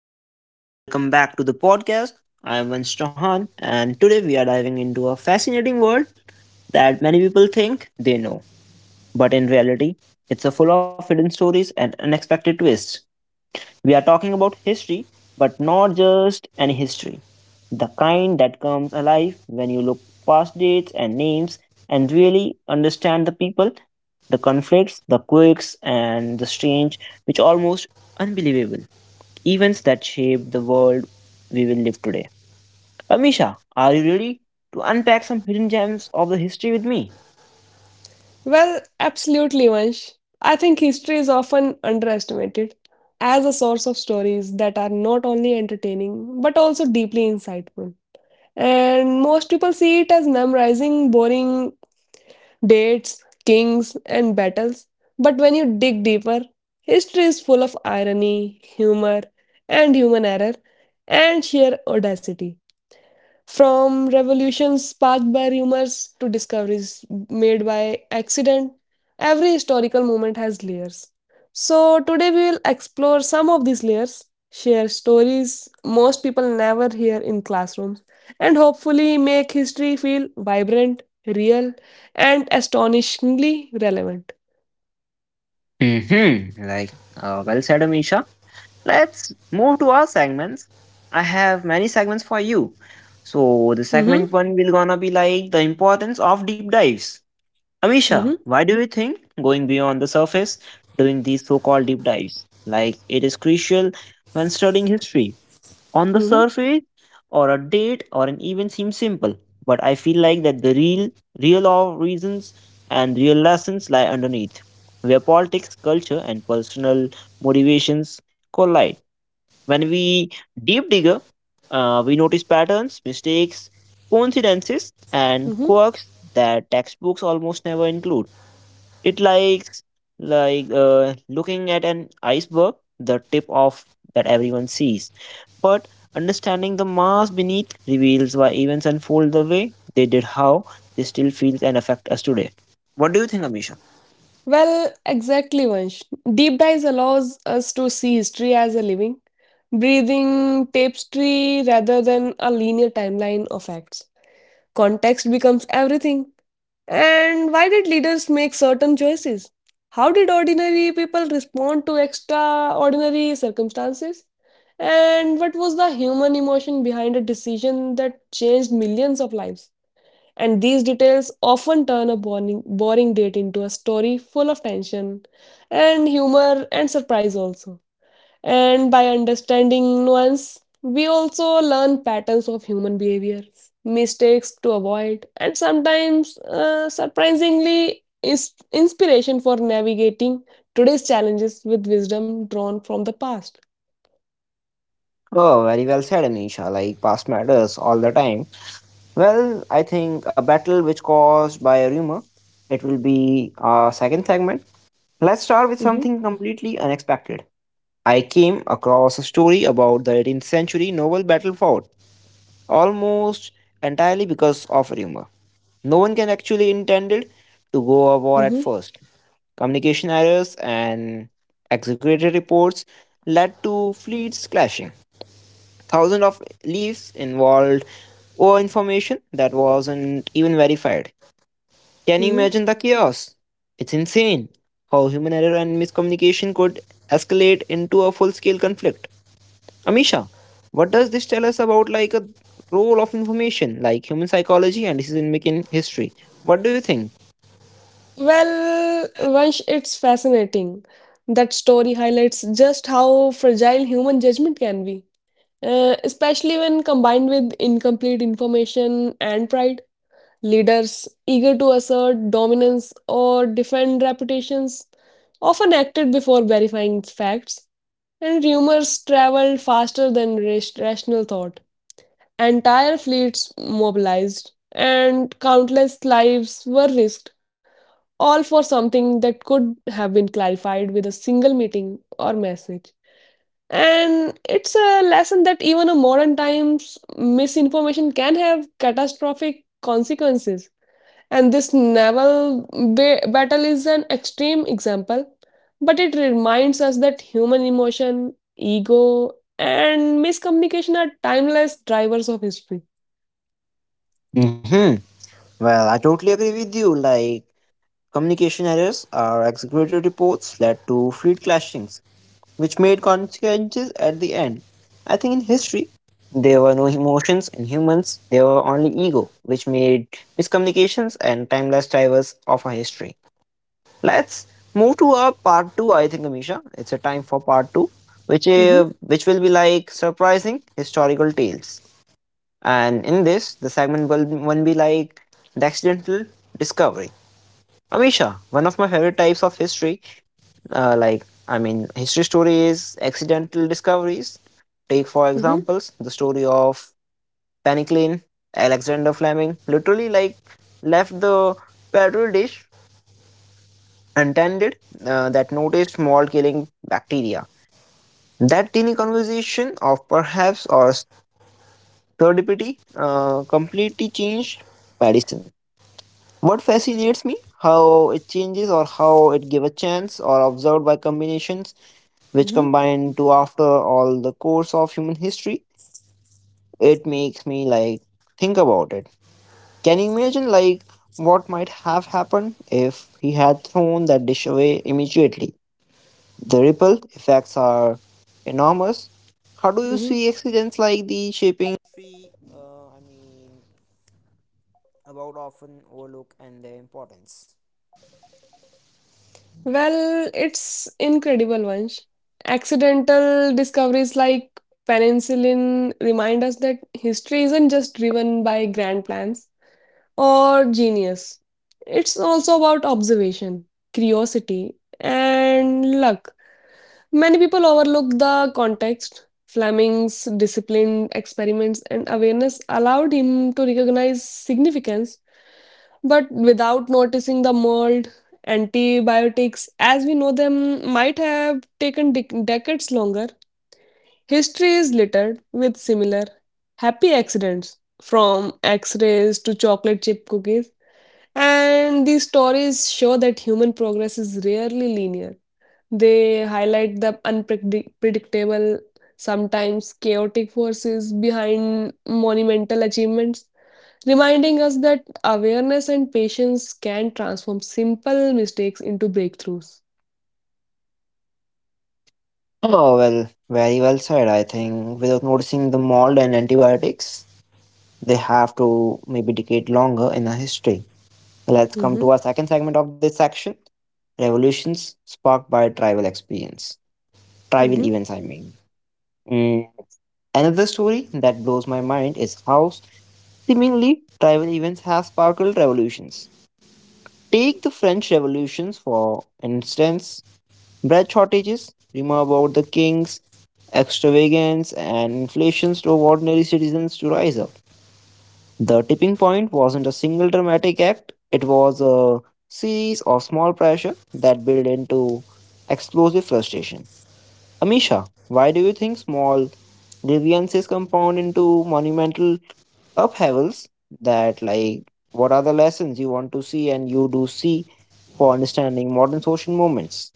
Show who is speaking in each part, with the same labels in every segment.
Speaker 1: Hello everyone, welcome back to the podcast. I am Vansh Chauhan and today we are diving into a fascinating world that many people think they know. But in reality, it's a full of hidden stories and unexpected twists. We are talking about history, but not just any history. The kind that comes alive when you look past dates and names and really understand the people, the conflicts, the quirks, and the strange, which almost unbelievable events that shaped the world we will live today. Amisha, are you ready to unpack some hidden gems of the history with me?
Speaker 2: Well, absolutely, Vansh. I think history is often underestimated as a source of stories that are not only entertaining but also deeply insightful. And most people see it as memorizing boring dates, kings, and battles. But when you dig deeper, history is full of irony, humor, and human error, and sheer audacity. From revolutions sparked by rumors to discoveries made by accident, every historical moment has layers. So, today we will explore some of these layers, share stories most people never hear in classrooms, and hopefully make history feel vibrant, real, and astonishingly relevant.
Speaker 1: Mm-hmm. Well said, Amisha. Let's move to our segments. I have many segments for you. So the
Speaker 2: hmm
Speaker 1: segment one will gonna be like the importance of deep dives. Amisha,
Speaker 2: hmm
Speaker 1: why do you think going beyond the surface, doing these so-called deep dives, like it is crucial when studying history? On the
Speaker 2: hmm
Speaker 1: surface, or a date or an event seems simple, but I feel like that the real, real of reasons and real lessons lie underneath, where politics, culture, and personal motivations collide. When we deep digger, we notice patterns, mistakes, coincidences, and
Speaker 2: hmm
Speaker 1: quirks that textbooks almost never include. It likes like Looking at an iceberg, the tip of that everyone sees. But understanding the mass beneath reveals why events unfold the way they did, how they still feel and affect us today. What do you think, Amisha?
Speaker 2: Well, exactly, Vansh. Deep dives allows us to see history as a living breathing tapestry rather than a linear timeline of acts. Context becomes everything. And why did leaders make certain choices? How did ordinary people respond to extraordinary circumstances? And what was the human emotion behind a decision that changed millions of lives? And these details often turn a boring date into a story full of tension and humor and surprise also. And by understanding nuance, we also learn patterns of human behavior, mistakes to avoid, and sometimes surprisingly is inspiration for navigating today's challenges with wisdom drawn from the past.
Speaker 1: Oh, very well said, Anisha. Like past matters all the time. Well, I think a battle which caused by a rumor. It will be our second segment. Let's start with
Speaker 2: Mhm,
Speaker 1: something completely unexpected. I came across a story about the 18th century naval battle fought almost entirely because of rumor. No one can actually intended to go a war at
Speaker 2: mhm,
Speaker 1: first. Communication errors and exaggerated reports led to fleets clashing. Thousands of leaves involved or information that wasn't even verified. Can you
Speaker 2: mhm.
Speaker 1: imagine the chaos? It's insane how human error and miscommunication could escalate into a full-scale conflict. Amisha, what does this tell us about like a role of information, like human psychology and decision-making history? What do you think?
Speaker 2: Well, Vansh, it's fascinating. That story highlights just how fragile human judgment can be, especially when combined with incomplete information and pride. Leaders eager to assert dominance or defend reputations often acted before verifying facts, and rumors traveled faster than rational thought. Entire fleets mobilized, and countless lives were risked, all for something that could have been clarified with a single meeting or message. And it's a lesson that even in modern times, misinformation can have catastrophic consequences and this naval battle is an extreme example, but it reminds us that human emotion, ego, and miscommunication are timeless drivers of history.
Speaker 1: Mm-hmm. Well, I totally agree with you. Like communication errors or executive reports led to fleet clashings which made consequences at the end. I think in history, there were no emotions in humans, there were only ego, which made miscommunications and timeless drivers of our history. Let's move to our part two, I think, Amisha. It's a time for part two,
Speaker 2: hmm
Speaker 1: which will be like surprising historical tales. And in this, the segment will be like the accidental discovery. Amisha, one of my favorite types of history, like, I mean, history stories, accidental discoveries. Take,
Speaker 2: hmm
Speaker 1: for examples, the story of Penicillin, Alexander Fleming, literally, like, left the petri dish untended that noticed mold killing bacteria. That tiny conversation of perhaps or serendipity completely changed medicine. What fascinates me, how it changes or how it give a chance or observed by combinations which
Speaker 2: hmm
Speaker 1: combine to after all the course of human history. It makes me like think about it. Can you imagine like what might have happened if he had thrown that dish away immediately? The ripple effects are enormous. How do you
Speaker 2: hmm
Speaker 1: see accidents like the shaping?
Speaker 2: Well, it's incredible, Vansh. Accidental discoveries like penicillin remind us that history isn't just driven by grand plans or genius. It's also about observation, curiosity, and luck. Many people overlook the context. Fleming's disciplined experiments and awareness allowed him to recognize significance, but without noticing the mold, antibiotics as we know them might have taken decades longer. History is littered with similar happy accidents, from x rays to chocolate chip cookies and these stories show that human progress is rarely linear. They highlight the unpredictable, sometimes chaotic forces behind monumental achievements, reminding us that awareness and patience can transform simple mistakes into breakthroughs.
Speaker 1: Oh, well, very well said. I think without noticing the mold and antibiotics, they have to maybe decade longer in our history. Let's come
Speaker 2: Mhm,
Speaker 1: to our second segment of this section revolutions sparked by tribal experience, tribal
Speaker 2: mhm.
Speaker 1: events, I mean. Mm. Another story that blows my mind is how seemingly tribal events have sparked revolutions. Take the French revolutions, for instance. Bread shortages, rumor about the kings, extravagance, and inflation drove ordinary citizens to rise up. The tipping point wasn't a single dramatic act, it was a series of small pressure that built into explosive frustration. Amisha, why do you think small grievances compound into monumental upheavals that like what are the lessons you want to see and you do see for understanding modern social movements?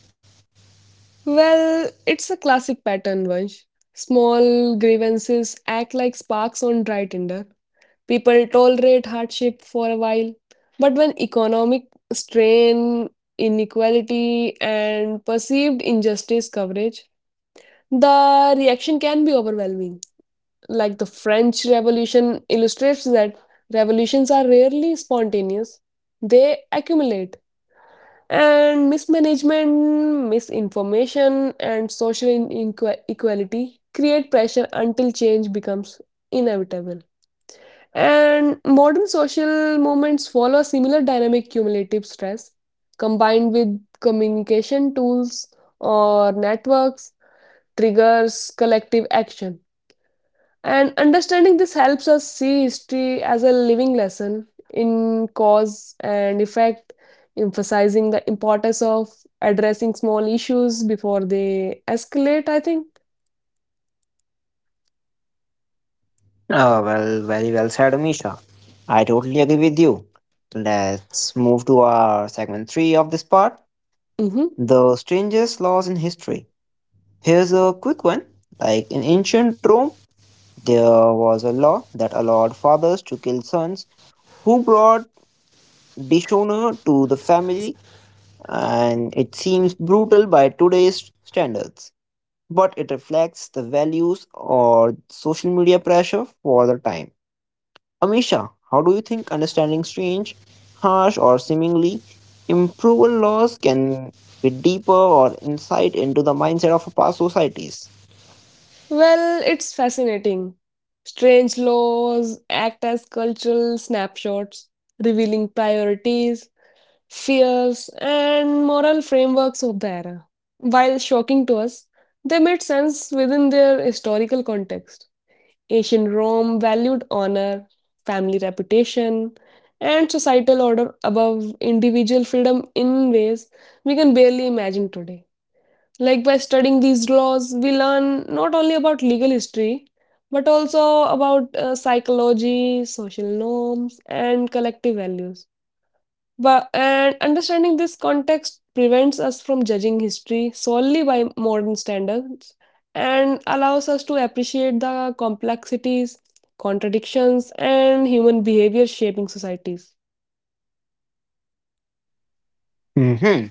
Speaker 2: Well, it's a classic pattern, Vansh. Small grievances act like sparks on dry tinder. People tolerate hardship for a while, but when economic strain, inequality, and perceived injustice coverage, the reaction can be overwhelming. Like the French Revolution illustrates that revolutions are rarely spontaneous, they accumulate. And mismanagement, misinformation, and social inequality create pressure until change becomes inevitable. And modern social movements follow a similar dynamic cumulative stress combined with communication tools or networks triggers collective action. And understanding this helps us see history as a living lesson in cause and effect, emphasizing the importance of addressing small issues before they escalate, I think.
Speaker 1: Oh, well, very well said, Amisha. I totally agree with you. Let's move to our segment three of this part
Speaker 2: Mhm.
Speaker 1: the strangest laws in history. Here's a quick one. Like in ancient Rome, there was a law that allowed fathers to kill sons who brought dishonor to the family, and it seems brutal by today's standards. But it reflects the values or social media pressure for the time. Amisha, how do you think understanding strange, harsh, or seemingly improbable laws can be deeper or insight into the mindset of past societies?
Speaker 2: Well, it's fascinating. Strange laws act as cultural snapshots, revealing priorities, fears, and moral frameworks of the era. While shocking to us, they made sense within their historical context. Ancient Rome valued honor, family reputation, and societal order above individual freedom in ways we can barely imagine today. Like by studying these laws, we learn not only about legal history, but also about psychology, social norms, and collective values. But and understanding this context prevents us from judging history solely by modern standards and allows us to appreciate the complexities, contradictions, and human behavior shaping societies.
Speaker 1: Hmm.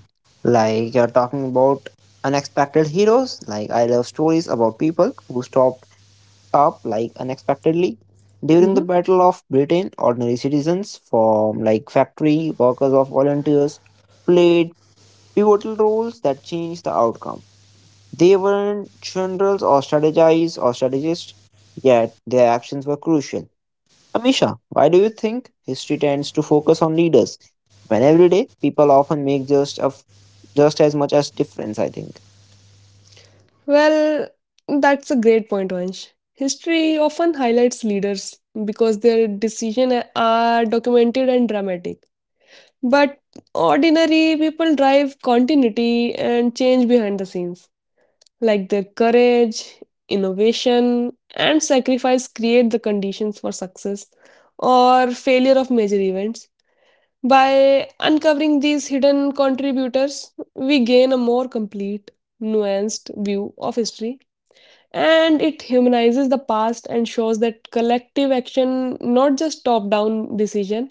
Speaker 1: Like you're talking about unexpected heroes. Like I love stories about people who stopped up like unexpectedly during the
Speaker 2: Mhm.
Speaker 1: Battle of Britain. Ordinary citizens from like factory workers or volunteers played pivotal roles that changed the outcome. They weren't generals or strategize or strategists, yet their actions were crucial. Amisha, why do you think history tends to focus on leaders when every day people often make just as much as difference? I think.
Speaker 2: Well, that's a great point, Vansh. History often highlights leaders because their decisions are documented and dramatic. But ordinary people drive continuity and change behind the scenes. Like their courage, innovation, and sacrifice create the conditions for success or failure of major events. By uncovering these hidden contributors, we gain a more complete, nuanced view of history and it humanizes the past and shows that collective action not just top down decision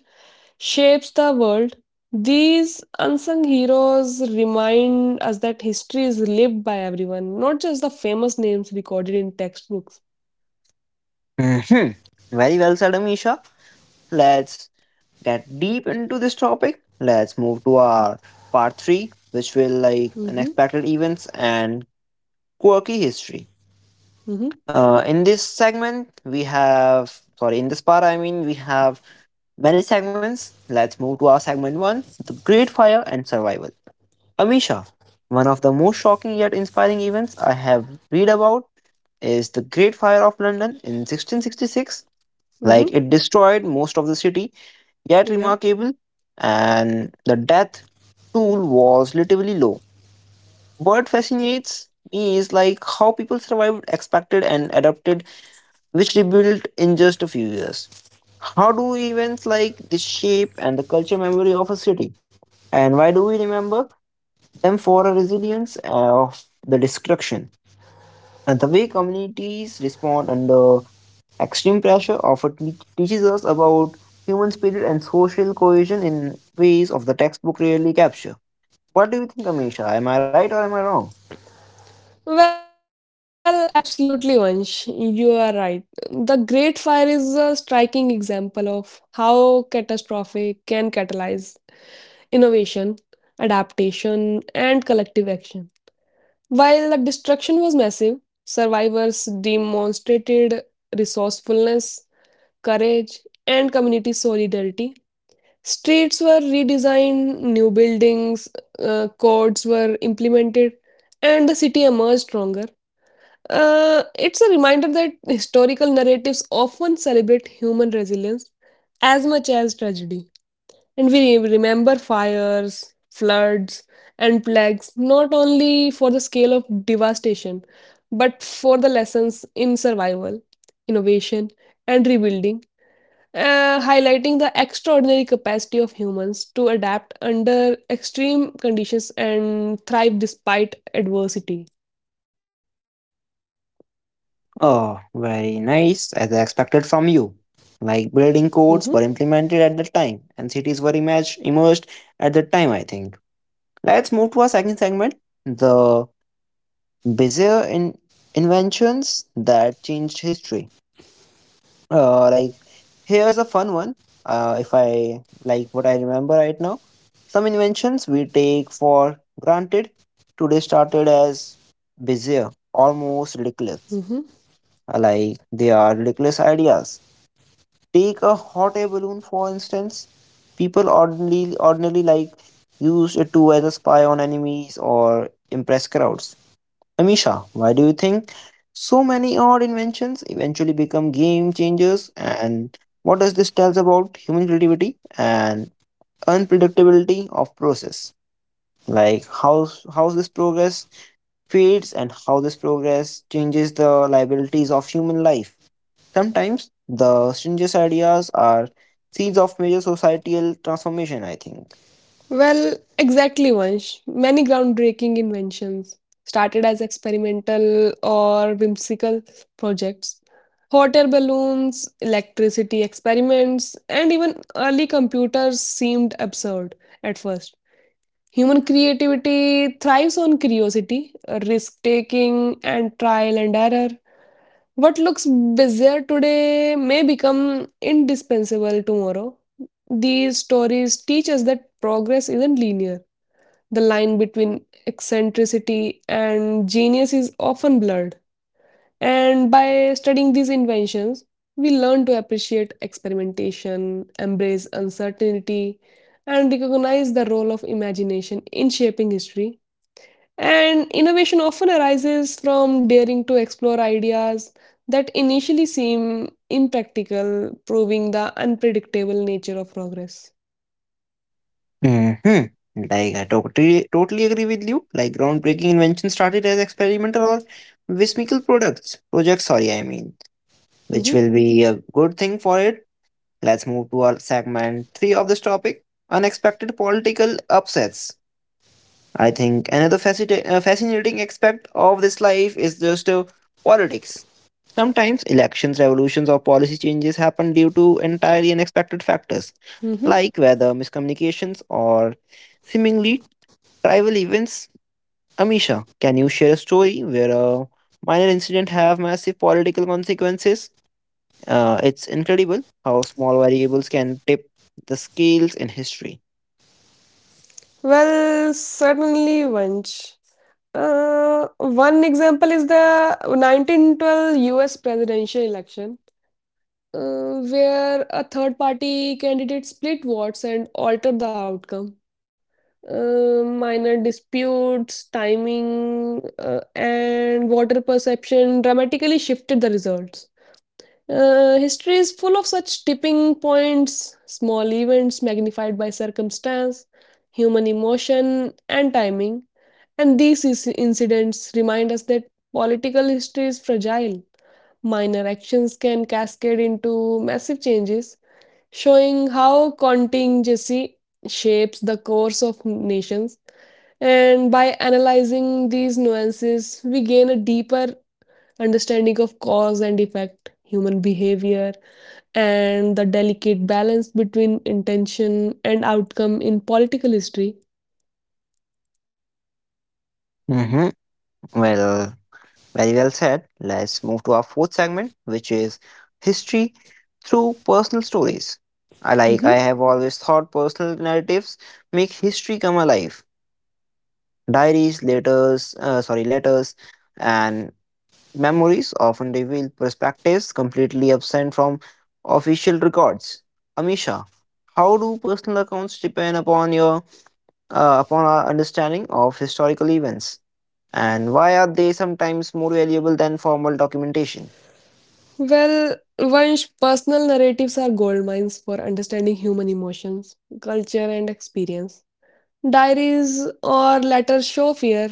Speaker 2: shapes the world. These unsung heroes remind us that history is lived by everyone, not just the famous names recorded in textbooks.
Speaker 1: Hmm. Very well said, Amisha. Let's get deep into this topic. Let's move to our part three, which will like
Speaker 2: Mm-hmm,
Speaker 1: unexpected events and quirky history.
Speaker 2: mm-hmm,
Speaker 1: In this segment, we have sorry, in this part, I mean, we have many segments. Let's move to our segment one the Great Fire and Survival. Amisha, one of the most shocking yet inspiring events I have read about is the Great Fire of London in 1666.
Speaker 2: mm-hmm,
Speaker 1: Like it destroyed most of the city, yet
Speaker 2: yeah.
Speaker 1: remarkable, and the death toll was relatively low. What fascinates me is like how people survived, expected, and adapted which rebuilt in just a few years. How do events like this shape and the culture memory of a city? And why do we remember them for a resilience of the destruction? And the way communities respond under extreme pressure often teaches us about human spirit and social cohesion in ways of the textbook rarely capture. What do you think, Amisha? Am I right or am I wrong?
Speaker 2: Well, absolutely, Vansh, you are right. The great fire is a striking example of how catastrophe can catalyze innovation, adaptation, and collective action. While the destruction was massive, survivors demonstrated resourcefulness, courage, and community solidarity. Streets were redesigned, new buildings, codes were implemented, and the city emerged stronger. It's a reminder that historical narratives often celebrate human resilience as much as tragedy. And we remember fires, floods, and plagues not only for the scale of devastation, but for the lessons in survival, innovation, and rebuilding, highlighting the extraordinary capacity of humans to adapt under extreme conditions and thrive despite adversity.
Speaker 1: Oh, very nice, as I expected from you. Like
Speaker 2: Mhm,
Speaker 1: building codes were implemented at the time, and cities were emerged at the time, I think. Let's move to our second segment the bizarre inventions that changed history. Like, here's a fun one. If I like what I remember right now, some inventions we take for granted today started as bizarre, almost
Speaker 2: mhm.
Speaker 1: ridiculous. Like, they are ridiculous ideas. Take a hot air balloon, for instance. People ordinarily like use it to either spy on enemies or impress crowds. Amisha, why do you think so many odd inventions eventually become game changers? And what does this tells about human creativity and unpredictability of process? Like how this progress fades and how this progress changes the liabilities of human life. Sometimes the strangest ideas are seeds of major societal transformation, I think.
Speaker 2: Well, exactly, Vansh. Many groundbreaking inventions started as experimental or whimsical projects. Hot air balloons, electricity experiments, and even early computers seemed absurd at first. Human creativity thrives on curiosity, risk taking, and trial and error. What looks bizarre today may become indispensable tomorrow. These stories teach us that progress isn't linear, the line between eccentricity and genius is often blurred. And by studying these inventions, we learn to appreciate experimentation, embrace uncertainty, and recognize the role of imagination in shaping history. And innovation often arises from daring to explore ideas that initially seem impractical, proving the unpredictable nature of progress.
Speaker 1: Hmm. Like, I totally agree with you. Like, groundbreaking inventions started as experimental or whimsical projects, sorry, I mean, which
Speaker 2: hmm
Speaker 1: will be a good thing for it. Let's move to our segment three of this topic unexpected political upsets. I think another fascinating aspect of this life is just politics. Sometimes elections, revolutions, or policy changes happen due to entirely unexpected factors,
Speaker 2: hmm
Speaker 1: like weather, miscommunications, or seemingly trivial events. Amisha, can you share a story where a minor incident have massive political consequences? It's incredible how small variables can tip the scales in history.
Speaker 2: Well, certainly, Vansh. One example is the 1912 US presidential election, where a third party candidate split votes and altered the outcome. Minor disputes, timing, and voter perception dramatically shifted the results. History is full of such tipping points, small events magnified by circumstance, human emotion, and timing. And these incidents remind us that political history is fragile. Minor actions can cascade into massive changes, showing how contingency shapes the course of nations. And by analyzing these nuances, we gain a deeper understanding of cause and effect, human behavior, and the delicate balance between intention and outcome in political history.
Speaker 1: Mm-hmm. Well, very well said. Let's move to our fourth segment, which is history through personal stories. I like, I
Speaker 2: Mhm.
Speaker 1: have always thought personal narratives make history come alive. Diaries, letters, and memories often reveal perspectives completely absent from official records. Amisha, how do personal accounts depend upon your upon our understanding of historical events, and why are they sometimes more valuable than formal documentation?
Speaker 2: Well, Vansh, personal narratives are gold mines for understanding human emotions, culture, and experience. Diaries or letters show fear,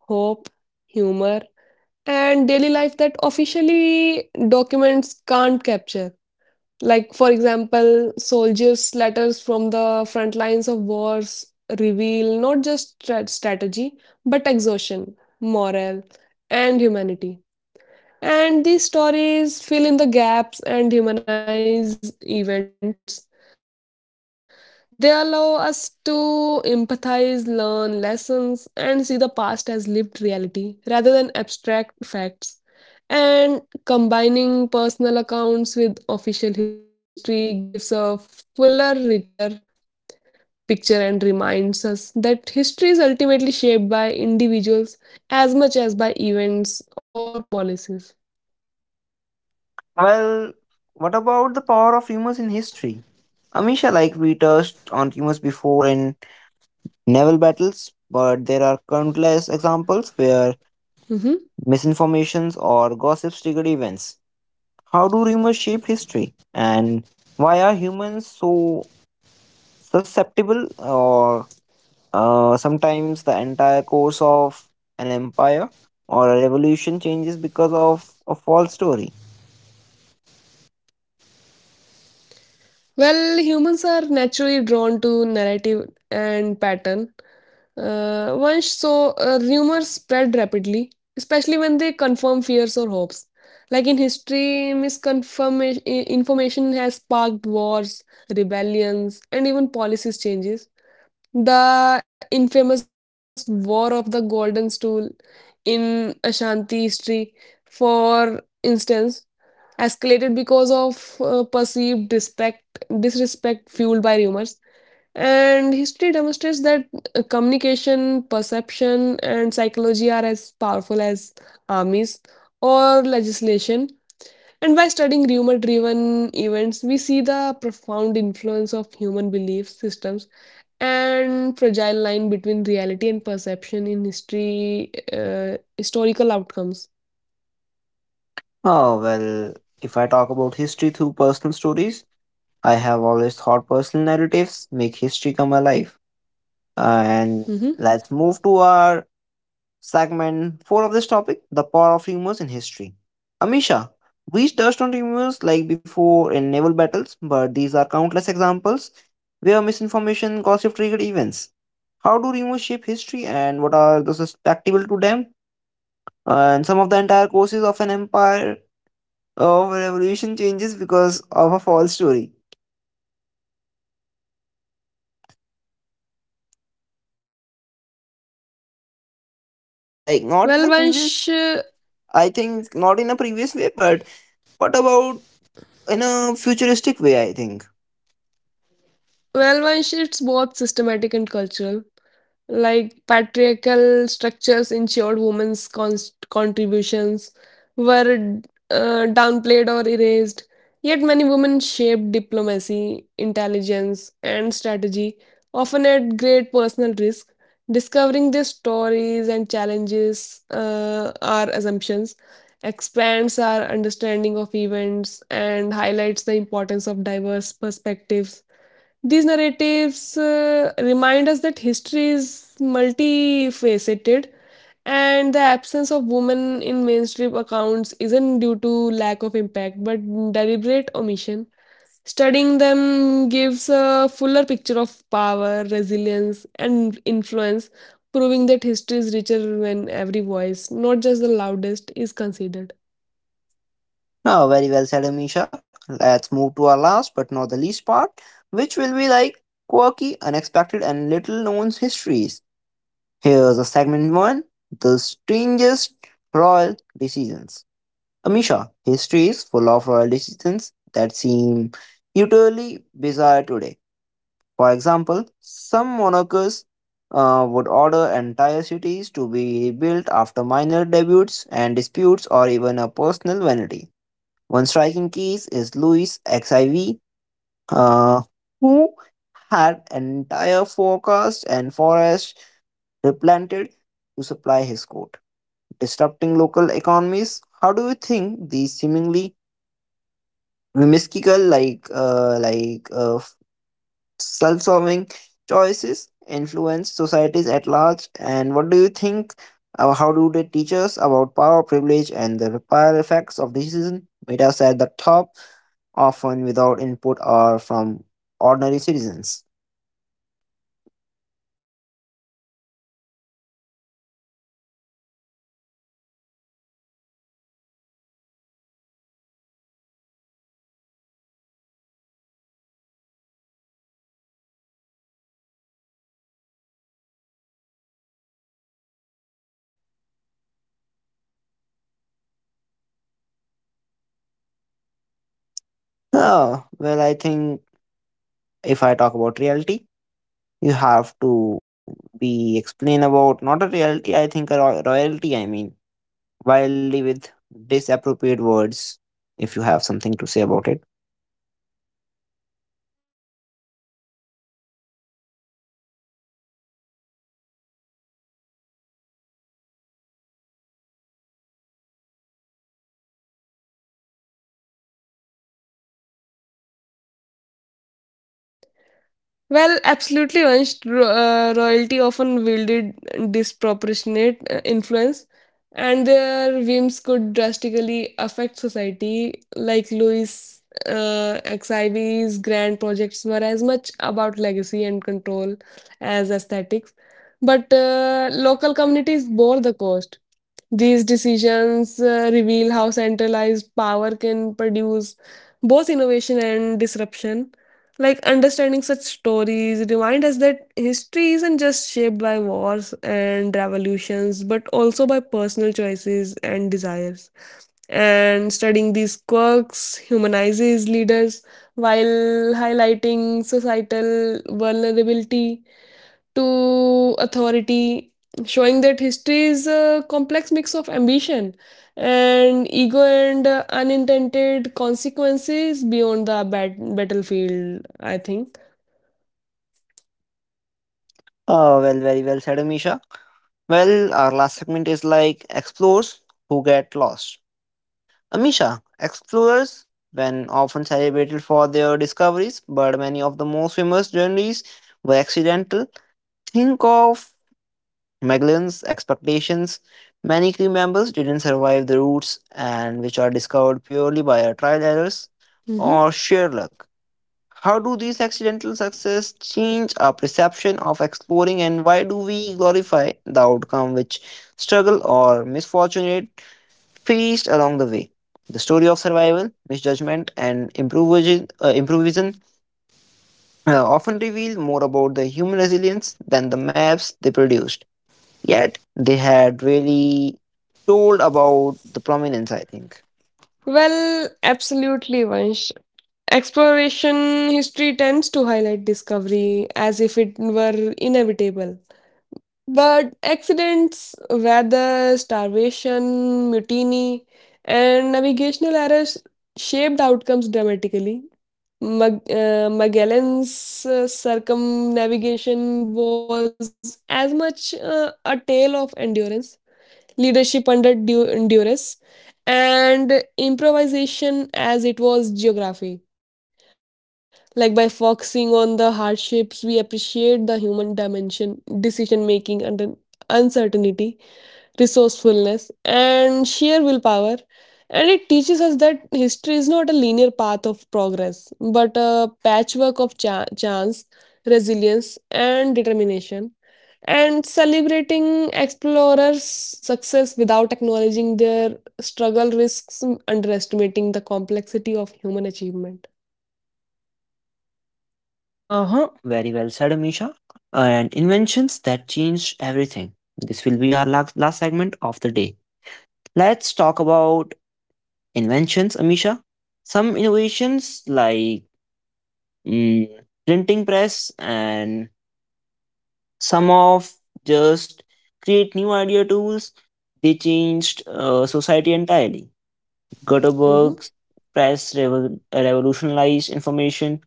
Speaker 2: hope, humor, and daily life that officially documents can't capture. Like, for example, soldiers' letters from the front lines of wars reveal not just strategy, but exhaustion, morale, and humanity. And these stories fill in the gaps and humanize events. They allow us to empathize, learn lessons, and see the past as lived reality rather than abstract facts. And combining personal accounts with official history gives a fuller, richer picture and reminds us that history is ultimately shaped by individuals as much as by events or policies.
Speaker 1: Well, what about the power of rumors in history? Amisha, like we touched on rumors before in naval battles, but there are countless examples where
Speaker 2: Mhm.
Speaker 1: misinformations or gossips triggered events. How do rumors shape history, and why are humans so susceptible, or sometimes the entire course of an empire or a revolution changes because of a false story?
Speaker 2: Well, humans are naturally drawn to narrative and pattern. Once rumors spread rapidly, especially when they confirm fears or hopes. Like in history, misconfirmation information has sparked wars, rebellions, and even policies changes. The infamous War of the Golden Stool in Ashanti history, for instance, escalated because of perceived disrespect, disrespect fueled by rumors. And history demonstrates that communication, perception, and psychology are as powerful as armies or legislation. And by studying rumor driven events, we see the profound influence of human belief systems and fragile line between reality and perception in history, historical outcomes.
Speaker 1: Oh well, if I talk about history through personal stories. I have always thought personal narratives make history come alive. And
Speaker 2: hmm
Speaker 1: let's move to our segment four of this topic the power of rumors in history. Amisha, we touched on rumors like before in naval battles, but these are countless examples where misinformation, gossip triggered events. How do rumors shape history and what are the susceptible to them? And some of the entire courses of an empire of a revolution changes because of a false story. Like not in
Speaker 2: well,
Speaker 1: the previous
Speaker 2: Vansh,
Speaker 1: I think not in a previous way, but what about in a futuristic way? I think.
Speaker 2: well, Vansh, it's both systematic and cultural. Like patriarchal structures ensured women's cons contributions were downplayed or erased. Yet many women shaped diplomacy, intelligence, and strategy, often at great personal risk. Discovering their stories and challenges our assumptions expands our understanding of events and highlights the importance of diverse perspectives. These narratives remind us that history is multifaceted and the absence of women in mainstream accounts isn't due to lack of impact but deliberate omission. Studying them gives a fuller picture of power, resilience, and influence, proving that history is richer when every voice, not just the loudest, is considered.
Speaker 1: Oh, very well said, Amisha. Let's move to our last but not the least part, which will be like quirky, unexpected, and little known histories. Here's a segment one. The Strangest Royal Decisions. Amisha, history is full of royal decisions that seem utterly bizarre today. For example, some monarchs would order entire cities to be rebuilt after minor disputes and disputes or even a personal vanity. One striking case is Louis XIV, uh, who had entire forests and forests replanted to supply his court, disrupting local economies. How do you think these seemingly whimsical, self serving choices influence societies at large? And what do you think? How do they teach us about power, privilege, and the ripple effects of decision made us at the top, often without input or from ordinary citizens? Oh, well, I think if I talk about reality, you have to be explain about not a reality, I think a royalty, I mean, wildly with disappropriate words if you have something to say about it.
Speaker 2: Well, absolutely. Once royalty often wielded disproportionate influence, and their whims could drastically affect society. Like Louis Xivie's grand projects were as much about legacy and control as aesthetics, but local communities bore the cost. These decisions reveal how centralized power can produce both innovation and disruption. Like understanding such stories remind us that history isn't just shaped by wars and revolutions, but also by personal choices and desires. And studying these quirks humanizes leaders while highlighting societal vulnerability to authority, showing that history is a complex mix of ambition and ego and unintended consequences beyond the battlefield, I think.
Speaker 1: Oh, well, very well said, Amisha. Well, our last segment is like explorers who get lost. Amisha, explorers, when often celebrated for their discoveries, but many of the most famous journeys were accidental. Think of Magellan's expeditions. Many crew members didn't survive the routes and which are discovered purely by our trial errors
Speaker 2: hmm
Speaker 1: or sheer luck. How do these accidental success change our perception of exploring and why do we glorify the outcome which struggle or misfortunate faced along the way? The story of survival, misjudgment, and improvisation, often reveal more about the human resilience than the maps they produced. Yet, they had really told about the prominence, I think.
Speaker 2: Well, absolutely, Vansh. Exploration history tends to highlight discovery as if it were inevitable. But accidents, weather, starvation, mutiny, and navigational errors shaped outcomes dramatically. Magellan's circumnavigation was as much a tale of endurance, leadership under duress, and improvisation as it was geography. Like by focusing on the hardships, we appreciate the human dimension, decision making under uncertainty, resourcefulness, and sheer willpower. And it teaches us that history is not a linear path of progress, but a patchwork of chance, resilience, and determination. And celebrating explorers' success without acknowledging their struggle risks underestimating the complexity of human achievement.
Speaker 1: Uh-huh. Very well said, Amisha. And inventions that changed everything. This will be our last, last segment of the day. Let's talk about inventions, Amisha. Some innovations like mm, printing press and some of just create new idea tools. They changed society entirely.
Speaker 2: Mhm.
Speaker 1: Gutenberg's press revolutionized information,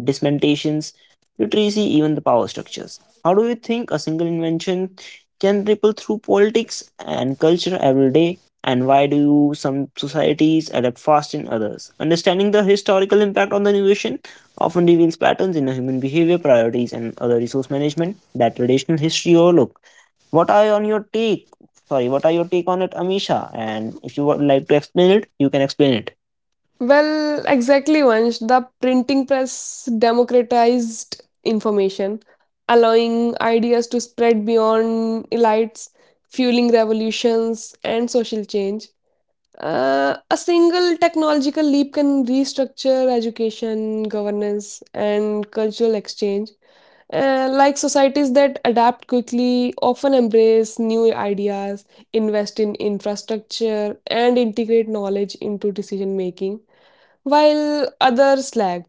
Speaker 1: dismantles, literacy, even the power structures. How do you think a single invention can ripple through politics and culture every day? And why do some societies adapt fast in others? Understanding the historical impact on the innovation often reveals patterns in human behavior, priorities, and other resource management that traditional history overlooked. What are on your take? Sorry, what are your take on it, Amisha? And if you would like to explain it, you can explain it.
Speaker 2: Well, exactly, Vansh. The printing press democratized information, allowing ideas to spread beyond elites, fueling revolutions and social change. A single technological leap can restructure education, governance, and cultural exchange. Like societies that adapt quickly often embrace new ideas, invest in infrastructure, and integrate knowledge into decision making while others lag.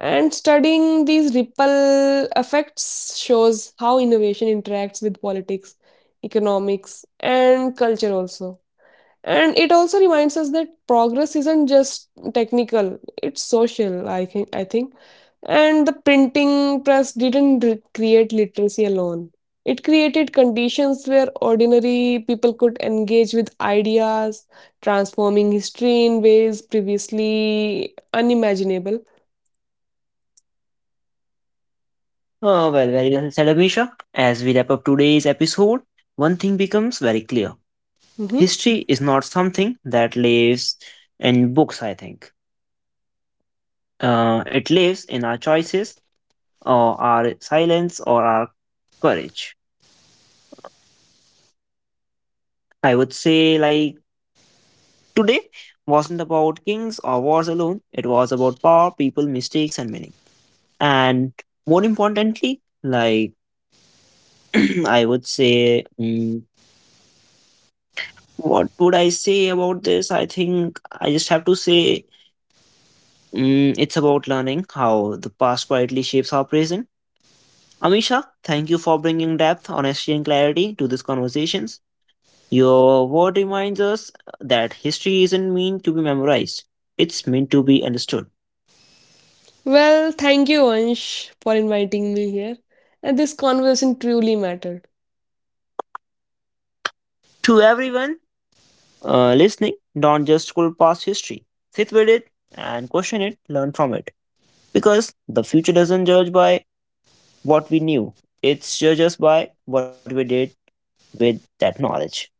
Speaker 2: And studying these ripple effects shows how innovation interacts with politics, economics, and culture also. And it also reminds us that progress isn't just technical, it's social, I think. And the printing press didn't create literacy alone. It created conditions where ordinary people could engage with ideas, transforming history in ways previously unimaginable.
Speaker 1: Well, very well said, Abhishek. As we wrap up today's episode, one thing becomes very clear.
Speaker 2: Mhm.
Speaker 1: History is not something that lives in books, I think. It lives in our choices, or our silence, or our courage. I would say, like, today wasn't about kings or wars alone. It was about power, people, mistakes, and meaning. And more importantly, like, I would say, what would I say about this? I think I just have to say it's about learning how the past quietly shapes our present. Amisha, thank you for bringing depth, honesty, and clarity to these conversations. Your word reminds us that history isn't meant to be memorized, it's meant to be understood.
Speaker 2: Well, thank you, Ansh, for inviting me here. And this conversation truly mattered.
Speaker 1: To everyone listening, don't just scroll past history, sit with it and question it, learn from it. Because the future doesn't judge by what we knew. It's judged by what we did with that knowledge.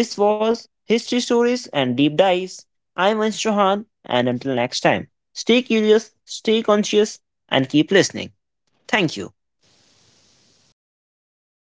Speaker 1: This was History Stories and Deep Dives. I'm Ansh Chauhan, and until next time, stay curious, stay conscious, and keep listening. Thank you.